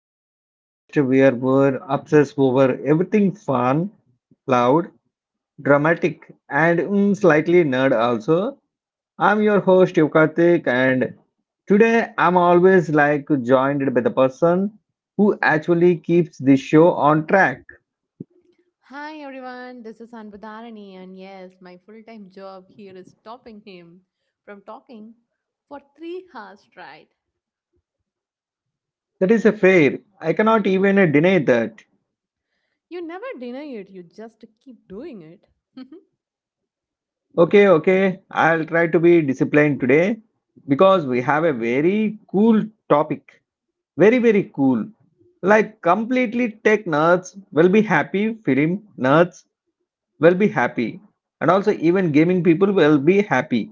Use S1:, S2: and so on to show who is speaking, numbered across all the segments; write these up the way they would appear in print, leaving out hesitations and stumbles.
S1: the podcast where we're obsessed over everything fun, loud, dramatic, and slightly nerd also. I'm your host Yukartik, and today I'm always like joined by the person who actually keeps the show on track.
S2: Hi everyone, this is Anbudharani, and yes, my full time job here is stopping him from talking for 3 hours straight.
S1: That is a fair. I cannot even deny that.
S2: You never deny it, you just keep doing it. And
S1: Okay, okay, I'll try to be disciplined today because we have a very cool topic. Very, very cool. Like, completely tech nerds will be happy, film nerds will be happy, and also even gaming people will be happy.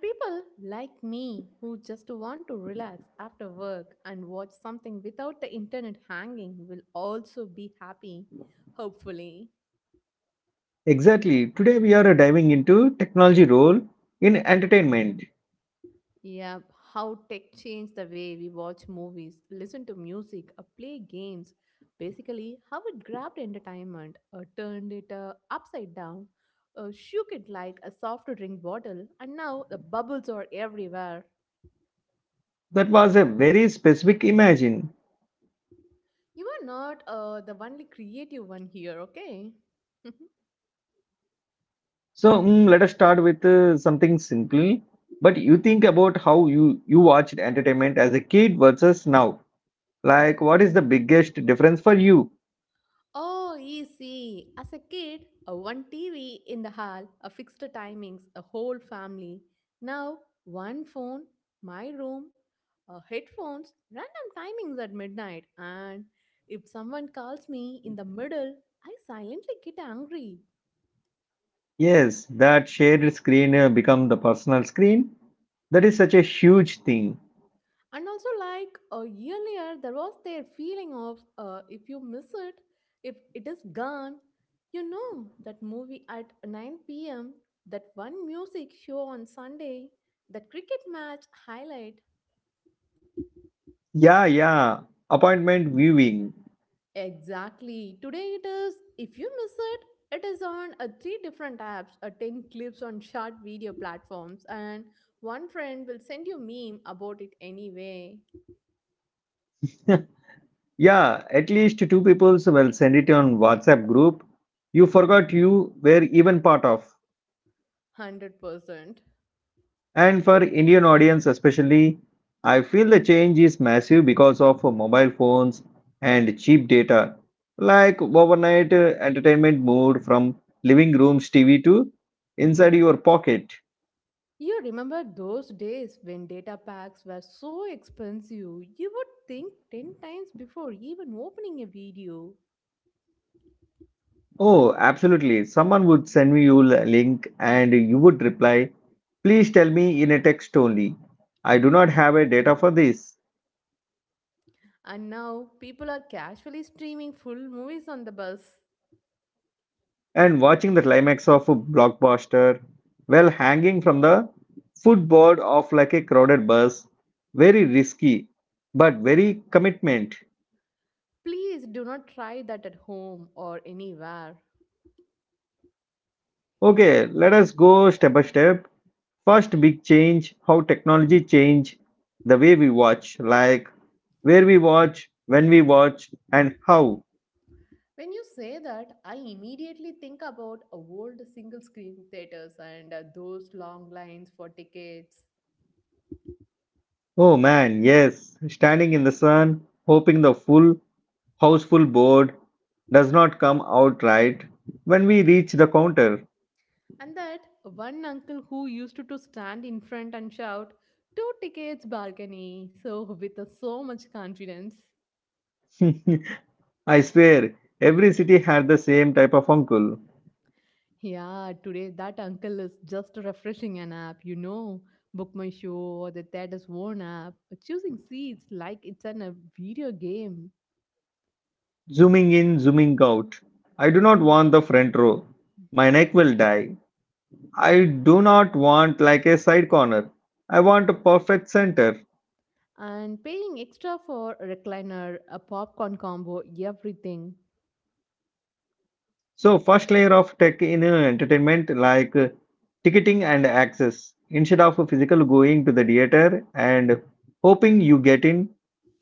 S2: people like me who just want to relax after work and watch something without the internet hanging will also be happy, hopefully.
S1: Exactly. Today we are diving into technology role in entertainment.
S2: Yeah, how tech changed the way we watch movies, listen to music, play games. Basically, how it grabbed entertainment, turned it upside down, shook it like a soft drink bottle, and now the bubbles are everywhere.
S1: That was a very specific imagine.
S2: You are not the only creative one here, okay?
S1: So let us start with something simple. But you think about how you watched entertainment as a kid versus now. Like what is the biggest difference for you?
S2: Oh, easy. As a kid, a one TV in the hall, a fixed timings, a whole family. Now, one phone, my room, headphones, random timings at midnight. And if someone calls me in the middle, I silently get angry.
S1: Yes, that shared screen become the personal screen. That is such a huge thing.
S2: And also, like earlier, there was their feeling of if you miss it, if it is gone, you know that movie at 9 p.m., that one music show on Sunday, that cricket match highlight.
S1: Yeah, yeah. Appointment viewing.
S2: Exactly. Today it is, if you miss it, it is on three different apps, 10 clips on short video platforms, and one friend will send you meme about it anyway.
S1: Yeah, at least two people will send it on WhatsApp group. You forgot you were even part of.
S2: 100%.
S1: And for Indian audience especially, I feel the change is massive because of mobile phones and cheap data. Like overnight entertainment moved from living rooms TV to inside your pocket.
S2: You remember those days when data packs were so expensive, you would think 10 times before even opening a video.
S1: Oh, absolutely. Someone would send me you a link and you would reply, please tell me in a text only. I do not have a data for this.
S2: And now people are casually streaming full movies on the bus.
S1: And watching the climax of a blockbuster, well, hanging from the footboard of like a crowded bus, very risky, but very commitment.
S2: Please do not try that at home or anywhere.
S1: Okay, let us go step by step. First big change, how technology change the way we watch, like where we watch, when we watch, and how.
S2: When you say that, I immediately think about old single screen theaters and those long lines for tickets.
S1: Oh man, yes, standing in the sun, hoping the full houseful board does not come out right when we reach the counter.
S2: And that one uncle who used to stand in front and shout, two tickets balcony, so with a so much confidence.
S1: I swear, every city had the same type of uncle,
S2: Yeah, today that uncle is just refreshing an app, you know, Book My Show or the theater's own app, choosing seats like it's a video game
S1: zooming in, zooming out. I do not want the front row. My neck will die. I do not want like a side corner. I want a perfect center.
S2: and paying extra for recliner, a popcorn combo, everything.
S1: So first layer of tech in entertainment like ticketing and access. Instead of a physical going to the theater and hoping you get in,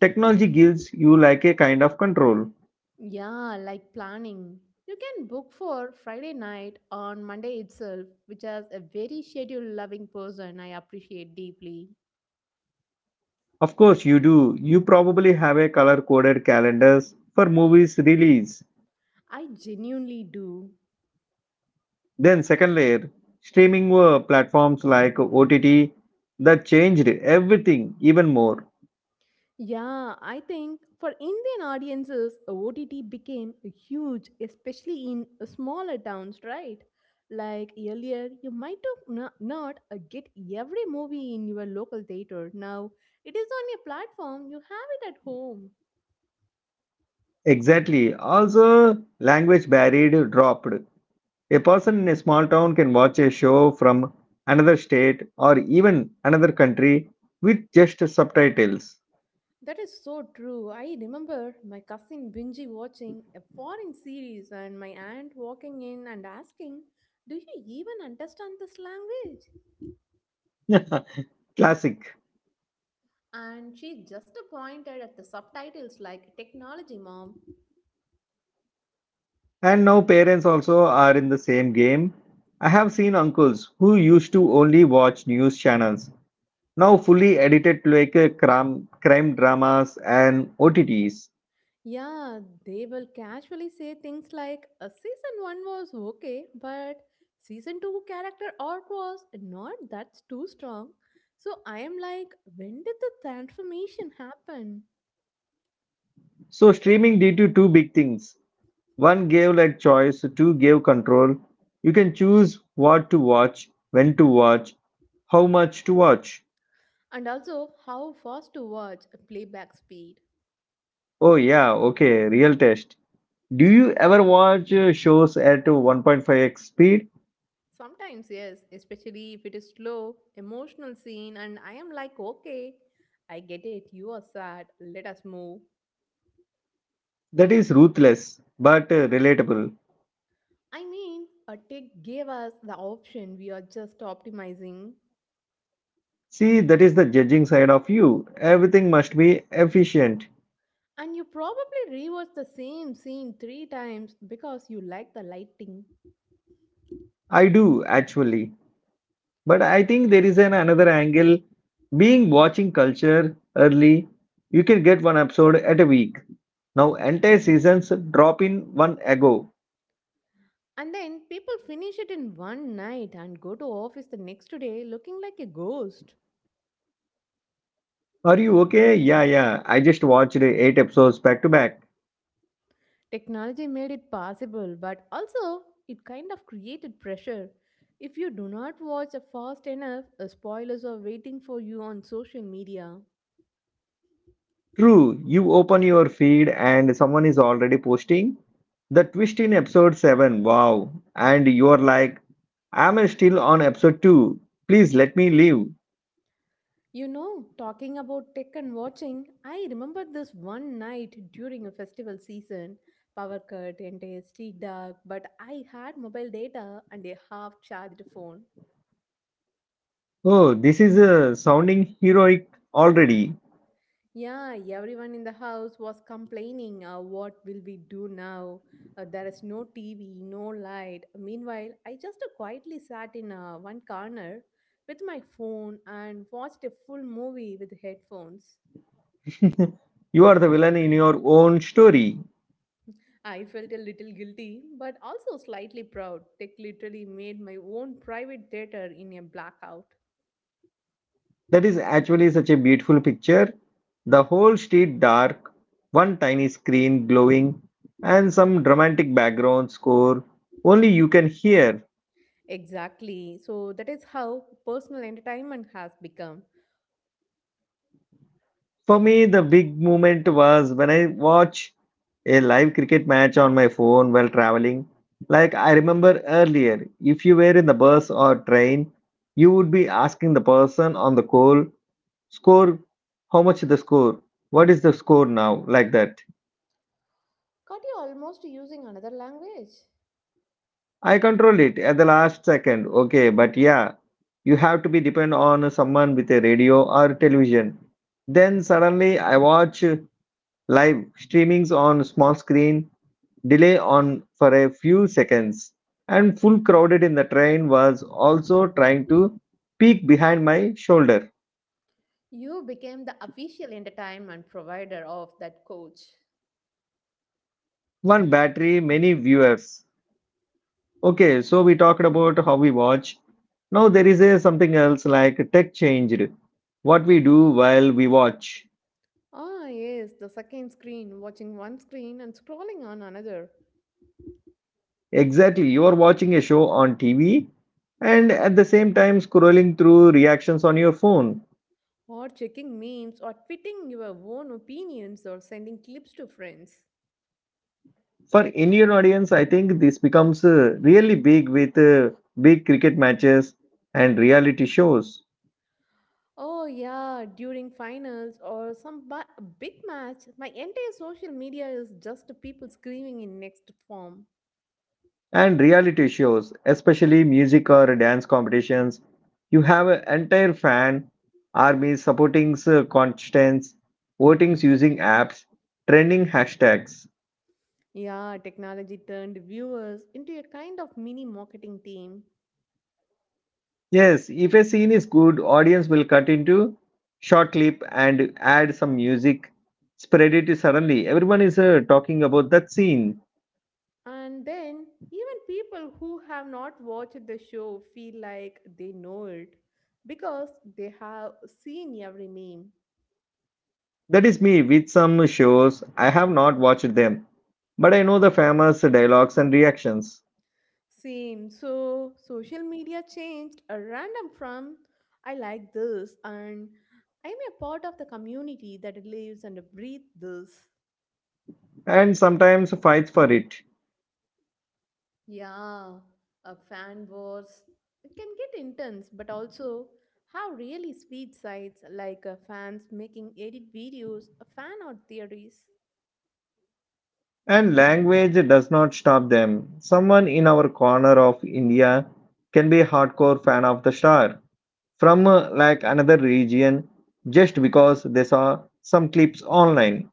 S1: technology gives you like a kind of control.
S2: Yeah, like planning. You can book for Friday night on Monday itself, which as a very schedule loving person I appreciate deeply.
S1: Of course you do. You probably have a color coded calendars for movies release.
S2: I genuinely do.
S1: Then second layer, streaming platforms like OTT that changed everything even more.
S2: Yeah, I think for Indian audiences, OTT became huge, especially in smaller towns, right? Like earlier, you might have not get every movie in your local theater. Now, it is on a platform, you have it at home.
S1: Exactly. Also language barrier dropped. A person in a small town can watch a show from another state or even another country with just subtitles.
S2: That is so true. I remember my cousin Benji watching a foreign series and my aunt walking in and asking, do you even understand this language?
S1: Classic.
S2: And she just pointed at the subtitles like technology, mom.
S1: And now parents also are in the same game. I have seen uncles who used to only watch news channels, now fully edited like a crime dramas and OTTs.
S2: Yeah, they will casually say things like, "A Season 1 was okay, but Season 2 character arc was not that too strong. So I am like, when did the transformation happen?
S1: So streaming did you two big things. One gave like choice, two gave control. You can choose what to watch, when to watch, how much to watch.
S2: And also, how fast to watch a playback speed.
S1: Oh, yeah, okay, real test. Do you ever watch shows at 1.5x speed?
S2: Sometimes, yes, especially if it is slow, emotional scene, and I am like, okay, I get it, you are sad, let us move.
S1: That is ruthless but relatable.
S2: I mean, a tech gave us the option, we are just optimizing.
S1: See, that is the judging side of you. Everything must be efficient.
S2: And you probably rewatch the same scene three times because you like the lighting.
S1: I do actually. But I think there is an another angle. Being watching culture early, you can get one episode at a week. Now entire seasons drop in one ago.
S2: And then people finish it in one night and go to office the next day looking like a ghost.
S1: Are you okay? Yeah, yeah. I just watched eight episodes back to back.
S2: Technology made it possible, but also it kind of created pressure. If you do not watch a fast enough, spoilers are waiting for you on social media.
S1: True, you open your feed and someone is already posting the twist in episode 7. Wow. And you're like, I'm still on episode 2. Please let me live.
S2: You know, talking about tech and watching, I remember this one night during a festival season. Power cut, entire street dark, but I had mobile data and a half charged phone.
S1: Oh, this is sounding heroic already.
S2: Yeah, everyone in the house was complaining, what will we do now? There is no TV, no light. Meanwhile, I just quietly sat in one corner with my phone and watched a full movie with headphones.
S1: You are the villain in your own story.
S2: I felt a little guilty, but also slightly proud. Tech literally made my own private theater in a blackout.
S1: That is actually such a beautiful picture. The whole street dark, one tiny screen glowing, and some dramatic background score only you can hear.
S2: Exactly. So that is how personal entertainment has become.
S1: For me, the big moment was when I watch a live cricket match on my phone while traveling. Like I remember earlier, if you were in the bus or train, you would be asking the person on the call, score, how much is the score, what is the score now, like that.
S2: Got you almost using another language?
S1: I control it at the last second. Okay, but yeah, you have to be depend on someone with a radio or television. Then suddenly I watch live streamings on small screen, delay on for a few seconds, and full crowded in the train was also trying to peek behind my shoulder.
S2: You became the official entertainment provider of that coach.
S1: One battery, many viewers. Okay, so we talked about how we watch. Now there is a something else like tech changed what we do while we watch.
S2: Ah, yes, the second screen, watching one screen and scrolling on another.
S1: Exactly. You are watching a show on TV and at the same time scrolling through reactions on your phone.
S2: Or checking memes or tweeting your own opinions or sending clips to friends.
S1: For Indian audience, I think this becomes really big with big cricket matches and reality shows.
S2: Oh, yeah, during finals or some big match, my entire social media is just people screaming in next form.
S1: And reality shows, especially music or dance competitions, you have an entire fan army supporting contestants, votings using apps, trending hashtags.
S2: Yeah, technology turned viewers into a kind of mini marketing team.
S1: Yes, if a scene is good, audience will cut into short clip and add some music, spread it suddenly. Everyone is talking about that scene.
S2: And then, even people who have not watched the show feel like they know it because they have seen every meme.
S1: That is me with some shows. I have not watched them, but I know the famous dialogues and reactions,
S2: Same. So, social media changed a random from I like this and I'm a part of the community that lives and breathes this.
S1: and sometimes fights for it.
S2: Yeah, a fan wars it can get intense, but also have really sweet sides like fans making edit videos, fan art theories.
S1: And language does not stop them. Someone in our corner of India can be a hardcore fan of the star from like another region just because they saw some clips online.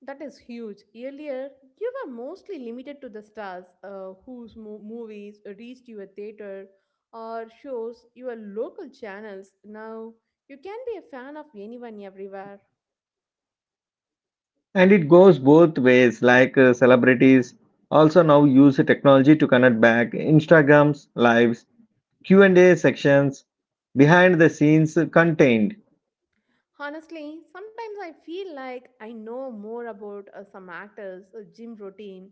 S2: That is huge. Earlier, you were mostly limited to the stars whose movies reached your theater or shows your local channels. Now, you can be a fan of anyone everywhere.
S1: And it goes both ways like celebrities also now use technology to connect back, instagrams lives, q&a sections, behind the scenes contained.
S2: Honestly, sometimes I feel like I know more about some actors' gym routine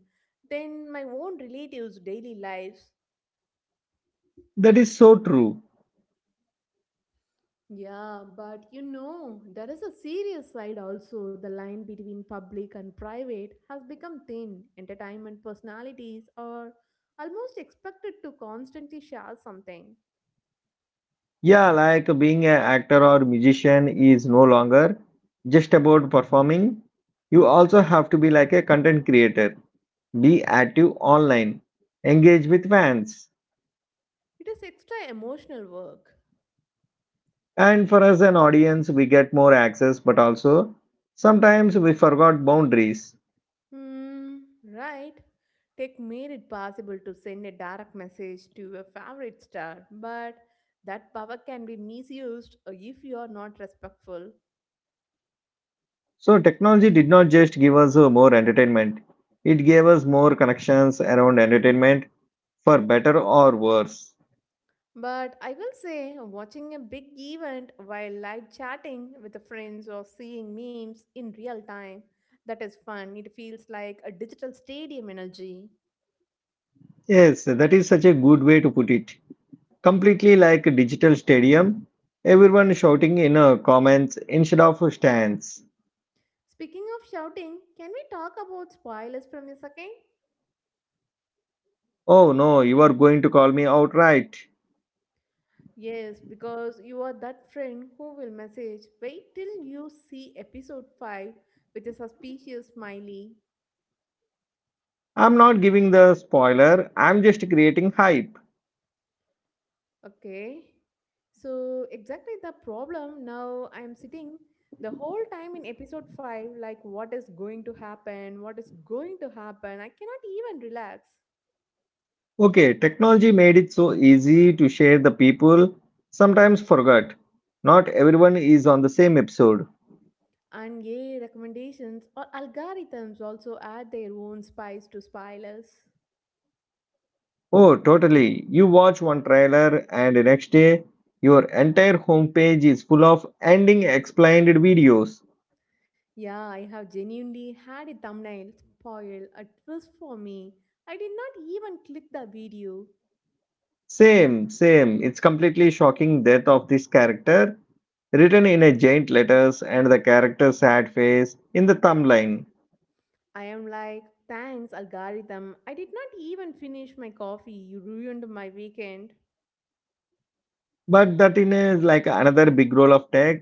S2: than my own relatives' daily lives.
S1: That is so true.
S2: Yeah, but you know, there is a serious side also. The line between public and private has become thin. Entertainment personalities are almost expected to constantly share something.
S1: Yeah, like being an actor or musician is no longer just about performing, you also have to be like a content creator, be active online, engage with fans.
S2: It is extra emotional work.
S1: And for us, an audience, we get more access, but also sometimes we forgot boundaries.
S2: Hmm, right. Tech made it possible to send a direct message to a favorite star, but that power can be misused if you are not respectful.
S1: So, technology did not just give us more entertainment, it gave us more connections around entertainment for better or worse.
S2: But I will say, watching a big event while live chatting with the friends or seeing memes in real time, that is fun. It feels like a digital stadium energy.
S1: Yes, that is such a good way to put it. Completely like a digital stadium, everyone shouting in comments instead of stands.
S2: Speaking of shouting, can we talk about spoilers from a second?
S1: Oh no, you are going to call me outright.
S2: Yes, because you are that friend who will message, wait till you see episode 5 with a suspicious smiley.
S1: I'm not giving the spoiler, I'm just creating hype.
S2: Okay. So exactly the problem, now I am sitting the whole time in episode 5 like what is going to happen, what is going to happen, I cannot even relax.
S1: Okay, technology made it so easy to share the people sometimes forgot. Not everyone is on the same episode.
S2: And yay recommendations or algorithms also add their own spice to spoilers.
S1: Oh, totally. You watch one trailer and the next day your entire homepage is full of ending explained videos.
S2: Yeah, I have genuinely had a thumbnail spoil a twist for me. I did not even click the video.
S1: Same, same. It's completely shocking death of this character written in a giant letters and the character's sad face in the thumbline.
S2: I am like, thanks, algorithm. I did not even finish my coffee. You ruined my weekend.
S1: But that in a like another big role of tech,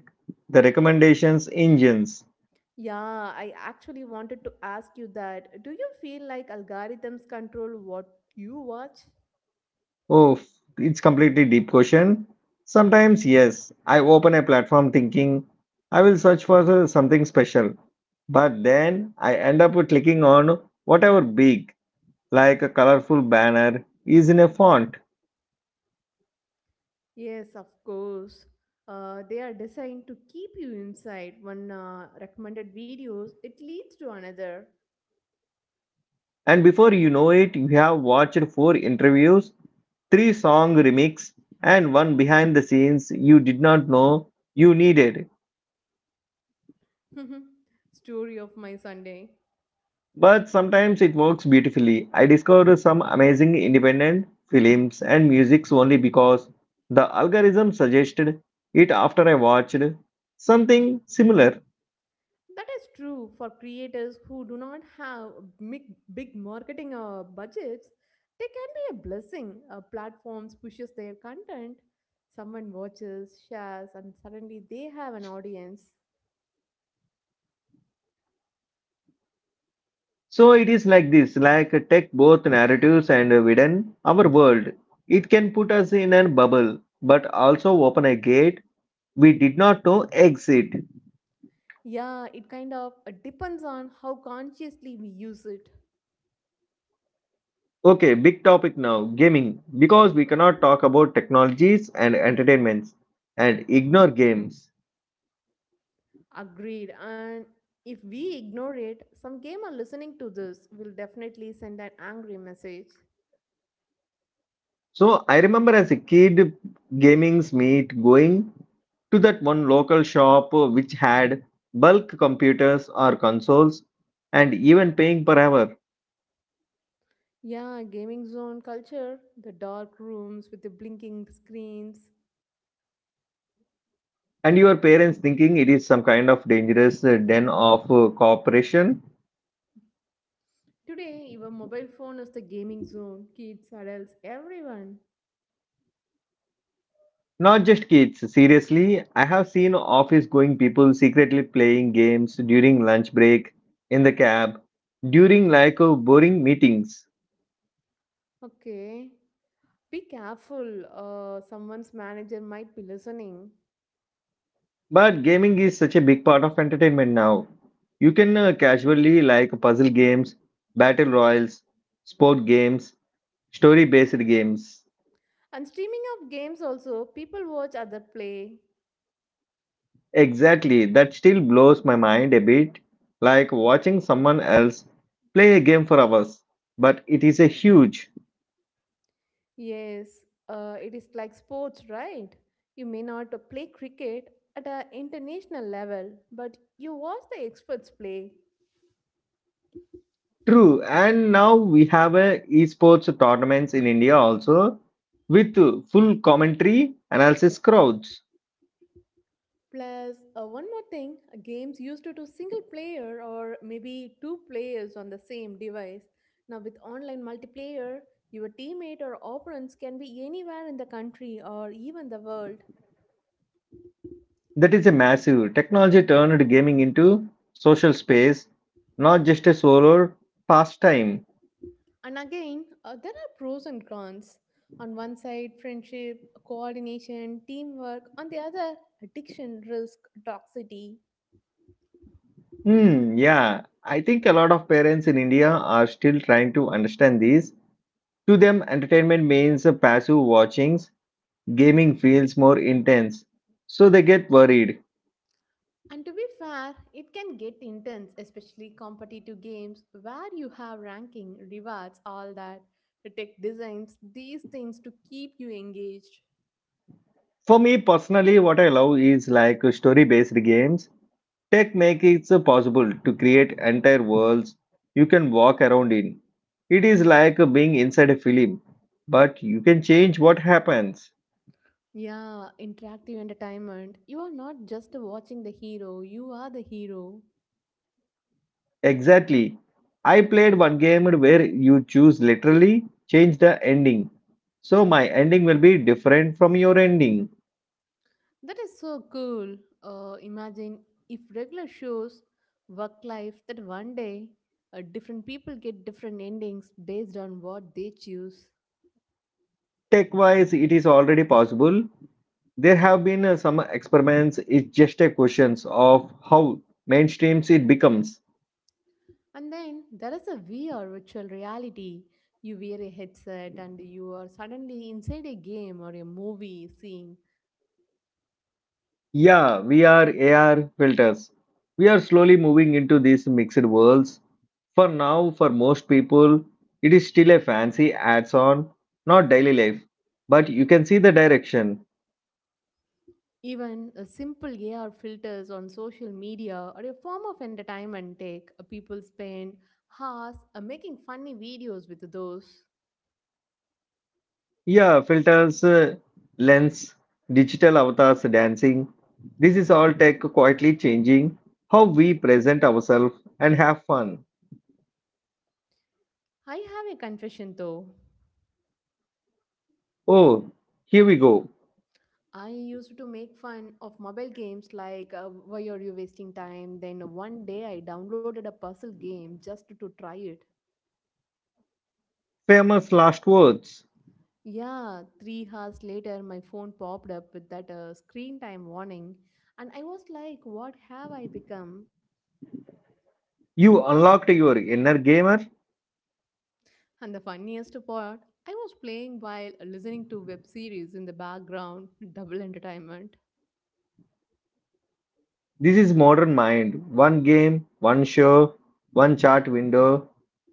S1: the recommendations engines.
S2: Yeah, I actually wanted to ask you that. Do you feel like algorithms control what you watch?
S1: Oh, f- it's completely deep question. Sometimes, yes, I open a platform thinking I will search for something special, but then I end up with clicking on whatever big, like a colorful banner, is in a font.
S2: Yes, of course. They are designed to keep you inside one recommended videos, it leads to another.
S1: And before you know it, you have watched four interviews, three song remix, and one behind the scenes you did not know you needed.
S2: Story of my Sunday.
S1: But sometimes it works beautifully. I discovered some amazing independent films and musics only because the algorithm suggested it after I watched something similar.
S2: That is true for creators who do not have big, big marketing budgets. They can be a blessing. Platforms pushes their content. Someone watches, shares, and suddenly they have an audience.
S1: So it is like this, like tech, both narratives and within our world. It can put us in a bubble, but also open a gate we did not know exit.
S2: Yeah, it kind of depends on how consciously we use it.
S1: Okay, big topic now, gaming, because we cannot talk about technologies and entertainments and ignore games.
S2: Agreed. And if we ignore it, some gamer listening to this will definitely send an angry message.
S1: So I remember as a kid, gaming's meet going to that one local shop which had bulk computers or consoles and even paying per hour.
S2: Yeah, gaming zone culture, the dark rooms with the blinking screens.
S1: And your parents thinking it is some kind of dangerous den of cooperation.
S2: Today, your mobile phone is the gaming zone. Kids, adults, everyone.
S1: Not just kids, seriously, I have seen office going people secretly playing games during lunch break, in the cab, during like boring meetings.
S2: Okay. Be careful. Someone's manager might be listening.
S1: But gaming is such a big part of entertainment now. You can casually like puzzle games, battle royals, sport games, story based games.
S2: And streaming of games also, people watch other play.
S1: Exactly, that still blows my mind a bit, like watching someone else play a game for hours. But it is a huge.
S2: Yes, it is like sports, right? You may not play cricket at an international level, but you watch the experts play.
S1: True, and now we have a esports tournaments in India also with full commentary analysis crowds.
S2: Plus, one more thing, games used to do single player or maybe two players on the same device. Now, with online multiplayer, your teammate or opponents can be anywhere in the country or even the world.
S1: That is a massive technology turned gaming into social space, not just a solo pastime.
S2: And again, there are pros and cons. On one side, friendship, coordination, teamwork, on the other, addiction, risk, toxicity.
S1: Hmm, yeah, I think a lot of parents in India are still trying to understand this. To them, entertainment means passive watchings. Gaming feels more intense, so they get worried.
S2: And to be fair, it can get intense, especially competitive games where you have ranking, rewards, all that, tech designs, these things to keep you engaged.
S1: For me personally, what I love is like story-based games. Tech makes it possible to create entire worlds you can walk around in. It is like being inside a film, but you can change what happens.
S2: Yeah, interactive entertainment. You are not just watching the hero, you are the hero.
S1: Exactly. I played one game where you choose literally change the ending. So my ending will be different from your ending.
S2: That is so cool. Imagine if regular shows work life that one day different people get different endings based on what they choose.
S1: Tech wise, it is already possible. There have been some experiments, it's just a question of how mainstreams it becomes.
S2: And then there is a VR virtual reality. You wear a headset and you are suddenly inside a game or a movie scene.
S1: Yeah, VR, AR filters. We are slowly moving into these mixed worlds. For now, for most people, it is still a fancy adds on, not daily life, but you can see the direction.
S2: Even a simple AR filters on social media are a form of entertainment tech. People spend hours making funny videos with those.
S1: Yeah, filters, lens, digital avatars, dancing. This is all tech quietly changing how we present ourselves and have fun.
S2: I have a confession though.
S1: Oh, here we go.
S2: I used to make fun of mobile games like why are you wasting time? Then one day I downloaded a puzzle game just to try it.
S1: Famous last words.
S2: Yeah, 3 hours later, my phone popped up with that screen time warning, and I was like, what have I become?
S1: You unlocked your inner gamer.
S2: And the funniest part, I was playing while listening to web series in the background, double entertainment.
S1: This is modern mind. One game, one show, one chat window.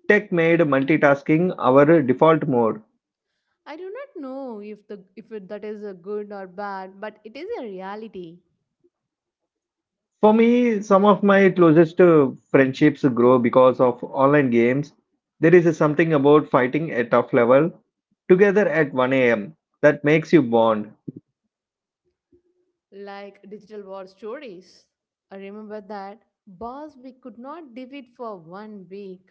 S1: Tech made multitasking our default mode.
S2: I do not know if the if it, that is a good or bad, but it is a reality,
S1: For me, some of my closest friendships grow because of online games. There is something about fighting at tough level together at 1 a.m. that makes you bond.
S2: like digital war stories. I remember that boss we could not defeat for 1 week.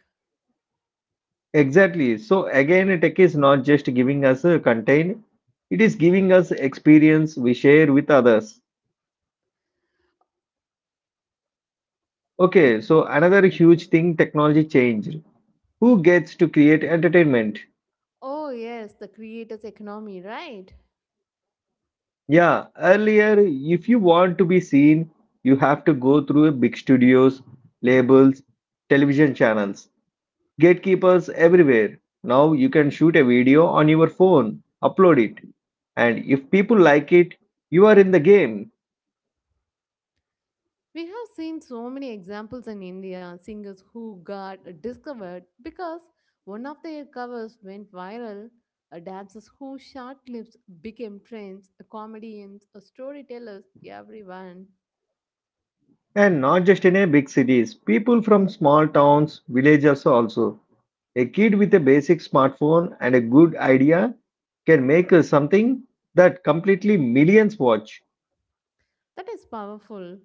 S1: Exactly. So again, tech is not just giving us a content, it is giving us experience we share with others. Okay, so another huge thing technology changed who gets to create entertainment.
S2: Oh yes, the creator's economy, right?
S1: Yeah, earlier, if you want to be seen, you have to go through big studios, labels, television channels, gatekeepers everywhere. Now you can shoot a video on your phone, upload it, and if people like it, you are in the game.
S2: We have seen so many examples in India, singers who got discovered because one of their covers went viral, dancers whose short clips became trends, comedians, storytellers, everyone.
S1: And not just in a big cities, people from small towns, villages also. A kid with a basic smartphone and a good idea can make something that completely millions watch.
S2: That is powerful.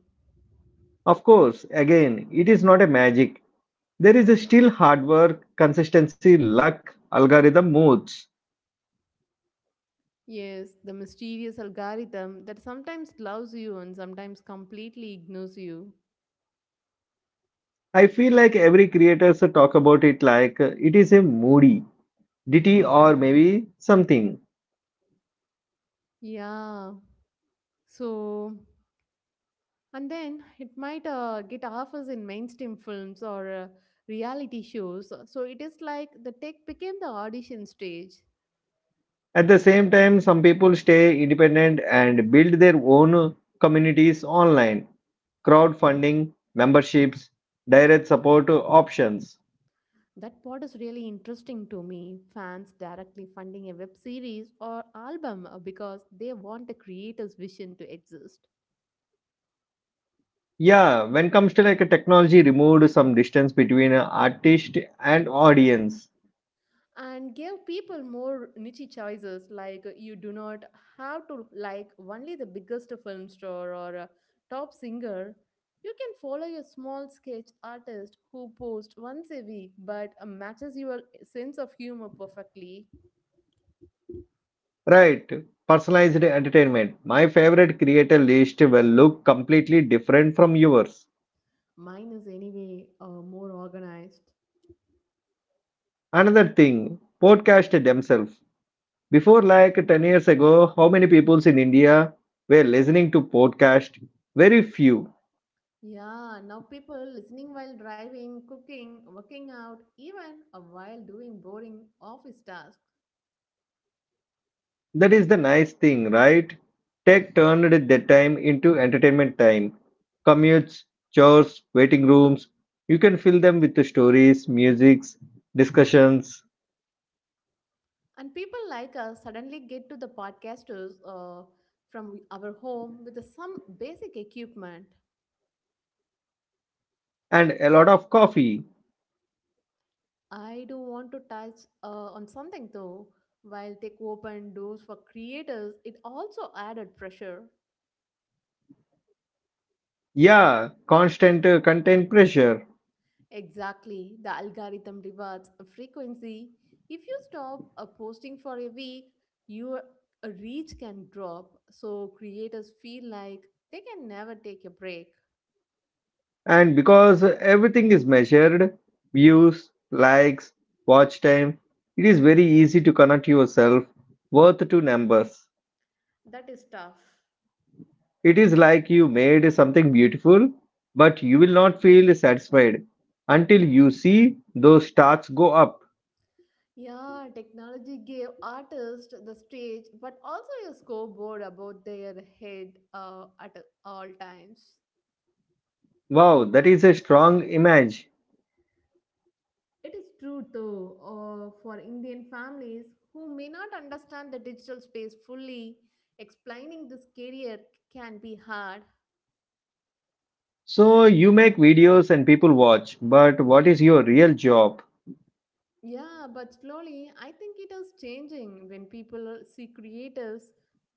S1: Of course, again, it is not a magic. There is a still hard work, consistency, luck, algorithm moods.
S2: Yes, the mysterious algorithm that sometimes loves you and sometimes completely ignores you.
S1: I feel like every creators talk about it like it is a moody ditty or maybe something.
S2: Yeah. So and then it might get offers in mainstream films or reality shows. So it is like the tech became the audition stage.
S1: At the same time, some people stay independent and build their own communities online. Crowdfunding, memberships, direct support options.
S2: That part is really interesting to me. Fans directly funding a web series or album because they want the creator's vision to exist.
S1: Yeah, when comes to like a technology removed some distance between a artist and audience.
S2: And gave people more niche choices like you do not have to like only the biggest film star or a top singer, you can follow a small sketch artist who posts once a week but matches your sense of humor perfectly.
S1: Right, personalized entertainment. My favorite creator list will look completely different from yours.
S2: Mine is anyway more organized.
S1: Another thing, podcast themselves. Before like 10 years ago, how many peoples in India were listening to podcast? Very few.
S2: Yeah, now people listening while driving, cooking, working out, even while doing boring office tasks.
S1: That is the nice thing, right? Tech turned that time into entertainment time. Commutes, chores, waiting rooms. You can fill them with the stories, musics, discussions,
S2: And people like us suddenly get to the podcasters from our home with some basic equipment.
S1: and a lot of coffee.
S2: I do want to touch on something though. While they open doors for creators, it also added pressure.
S1: Yeah, constant content pressure.
S2: Exactly, the algorithm rewards a frequency. If you stop posting for a week, your reach can drop. So creators feel like they can never take a break.
S1: And because everything is measured views, likes, watch time it is very easy to connect yourself worth to numbers.
S2: That is tough.
S1: It is like you made something beautiful, but you will not feel satisfied until you see those stars go up.
S2: Yeah, technology gave artists the stage, but also a scoreboard about their head at all times.
S1: Wow, that is a strong image.
S2: It is true, though, for Indian families who may not understand the digital space fully, explaining this career can be hard.
S1: So you make videos and people watch, but what is your real job?
S2: Yeah, but slowly, I think it is changing when people see creators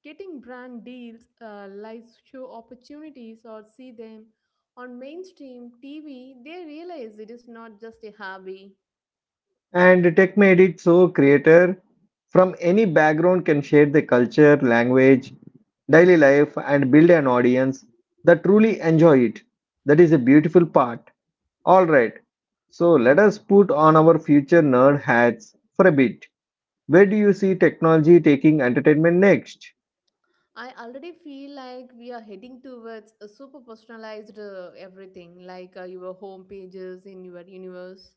S2: getting brand deals, live show opportunities, or see them on mainstream TV. They realize it is not just a hobby.
S1: And tech made it so creator from any background can share the culture, language, daily life, and build an audience that truly enjoy it. That is a beautiful part. All right. So let us put on our future nerd hats for a bit. Where do you see technology taking entertainment next?
S2: I already feel like we are heading towards a super personalized everything, like your home pages in your universe.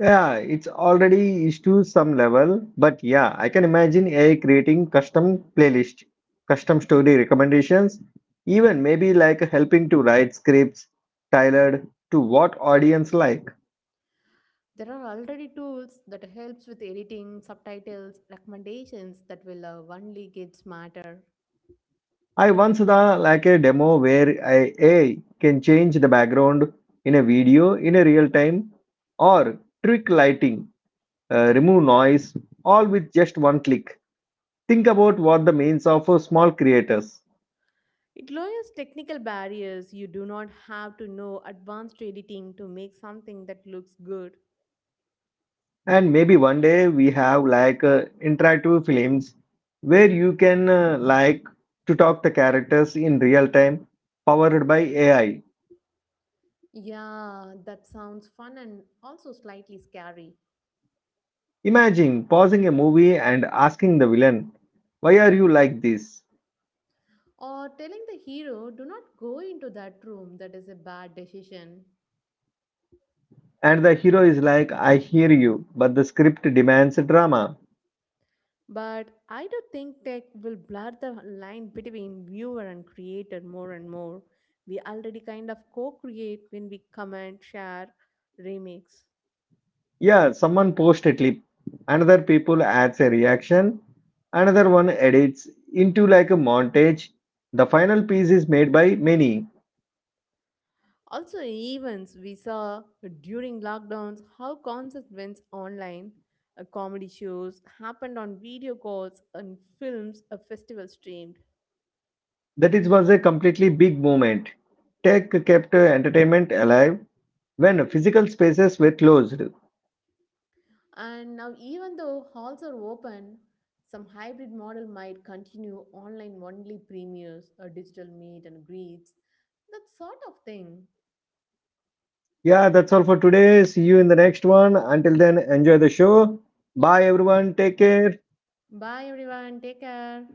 S1: Yeah, it's already is to some level, but yeah, I can imagine AI creating custom playlist, custom story recommendations, even maybe like helping to write scripts tailored to what audience like.
S2: There are already tools that helps with editing, subtitles, recommendations that will only get smarter.
S1: I once saw like a demo where AI can change the background in a video in a real time or trick lighting, remove noise, all with just one click. Think about what the means of small creators.
S2: It lowers technical barriers. You do not have to know advanced editing to make something that looks good.
S1: And maybe one day we have like interactive films where you can like to talk the characters in real time, powered by AI.
S2: Yeah, that sounds fun and also slightly scary.
S1: Imagine pausing a movie and asking the villain, "Why are you like this?"
S2: Or telling the hero, do not go into that room, that is a bad decision.
S1: And the hero is like, "I hear you," but the script demands drama.
S2: But I do think tech will blur the line between viewer and creator more and more. We already kind of co create when we comment, share, remix.
S1: Yeah, someone posts a clip, another people adds a reaction, another one edits into like a montage. The final piece is made by many.
S2: Also, events we saw during lockdowns how concerts went online, comedy shows happened on video calls, and films, a festival streamed.
S1: That it was a completely big movement. Tech kept entertainment alive when physical spaces were closed.
S2: And now, even though halls are open, some hybrid model might continue online only premieres, or digital meet and greets, that sort of thing.
S1: Yeah, that's all for today. See you in the next one. Until then, enjoy the show. Bye, everyone. Take care.
S2: Bye, everyone. Take care.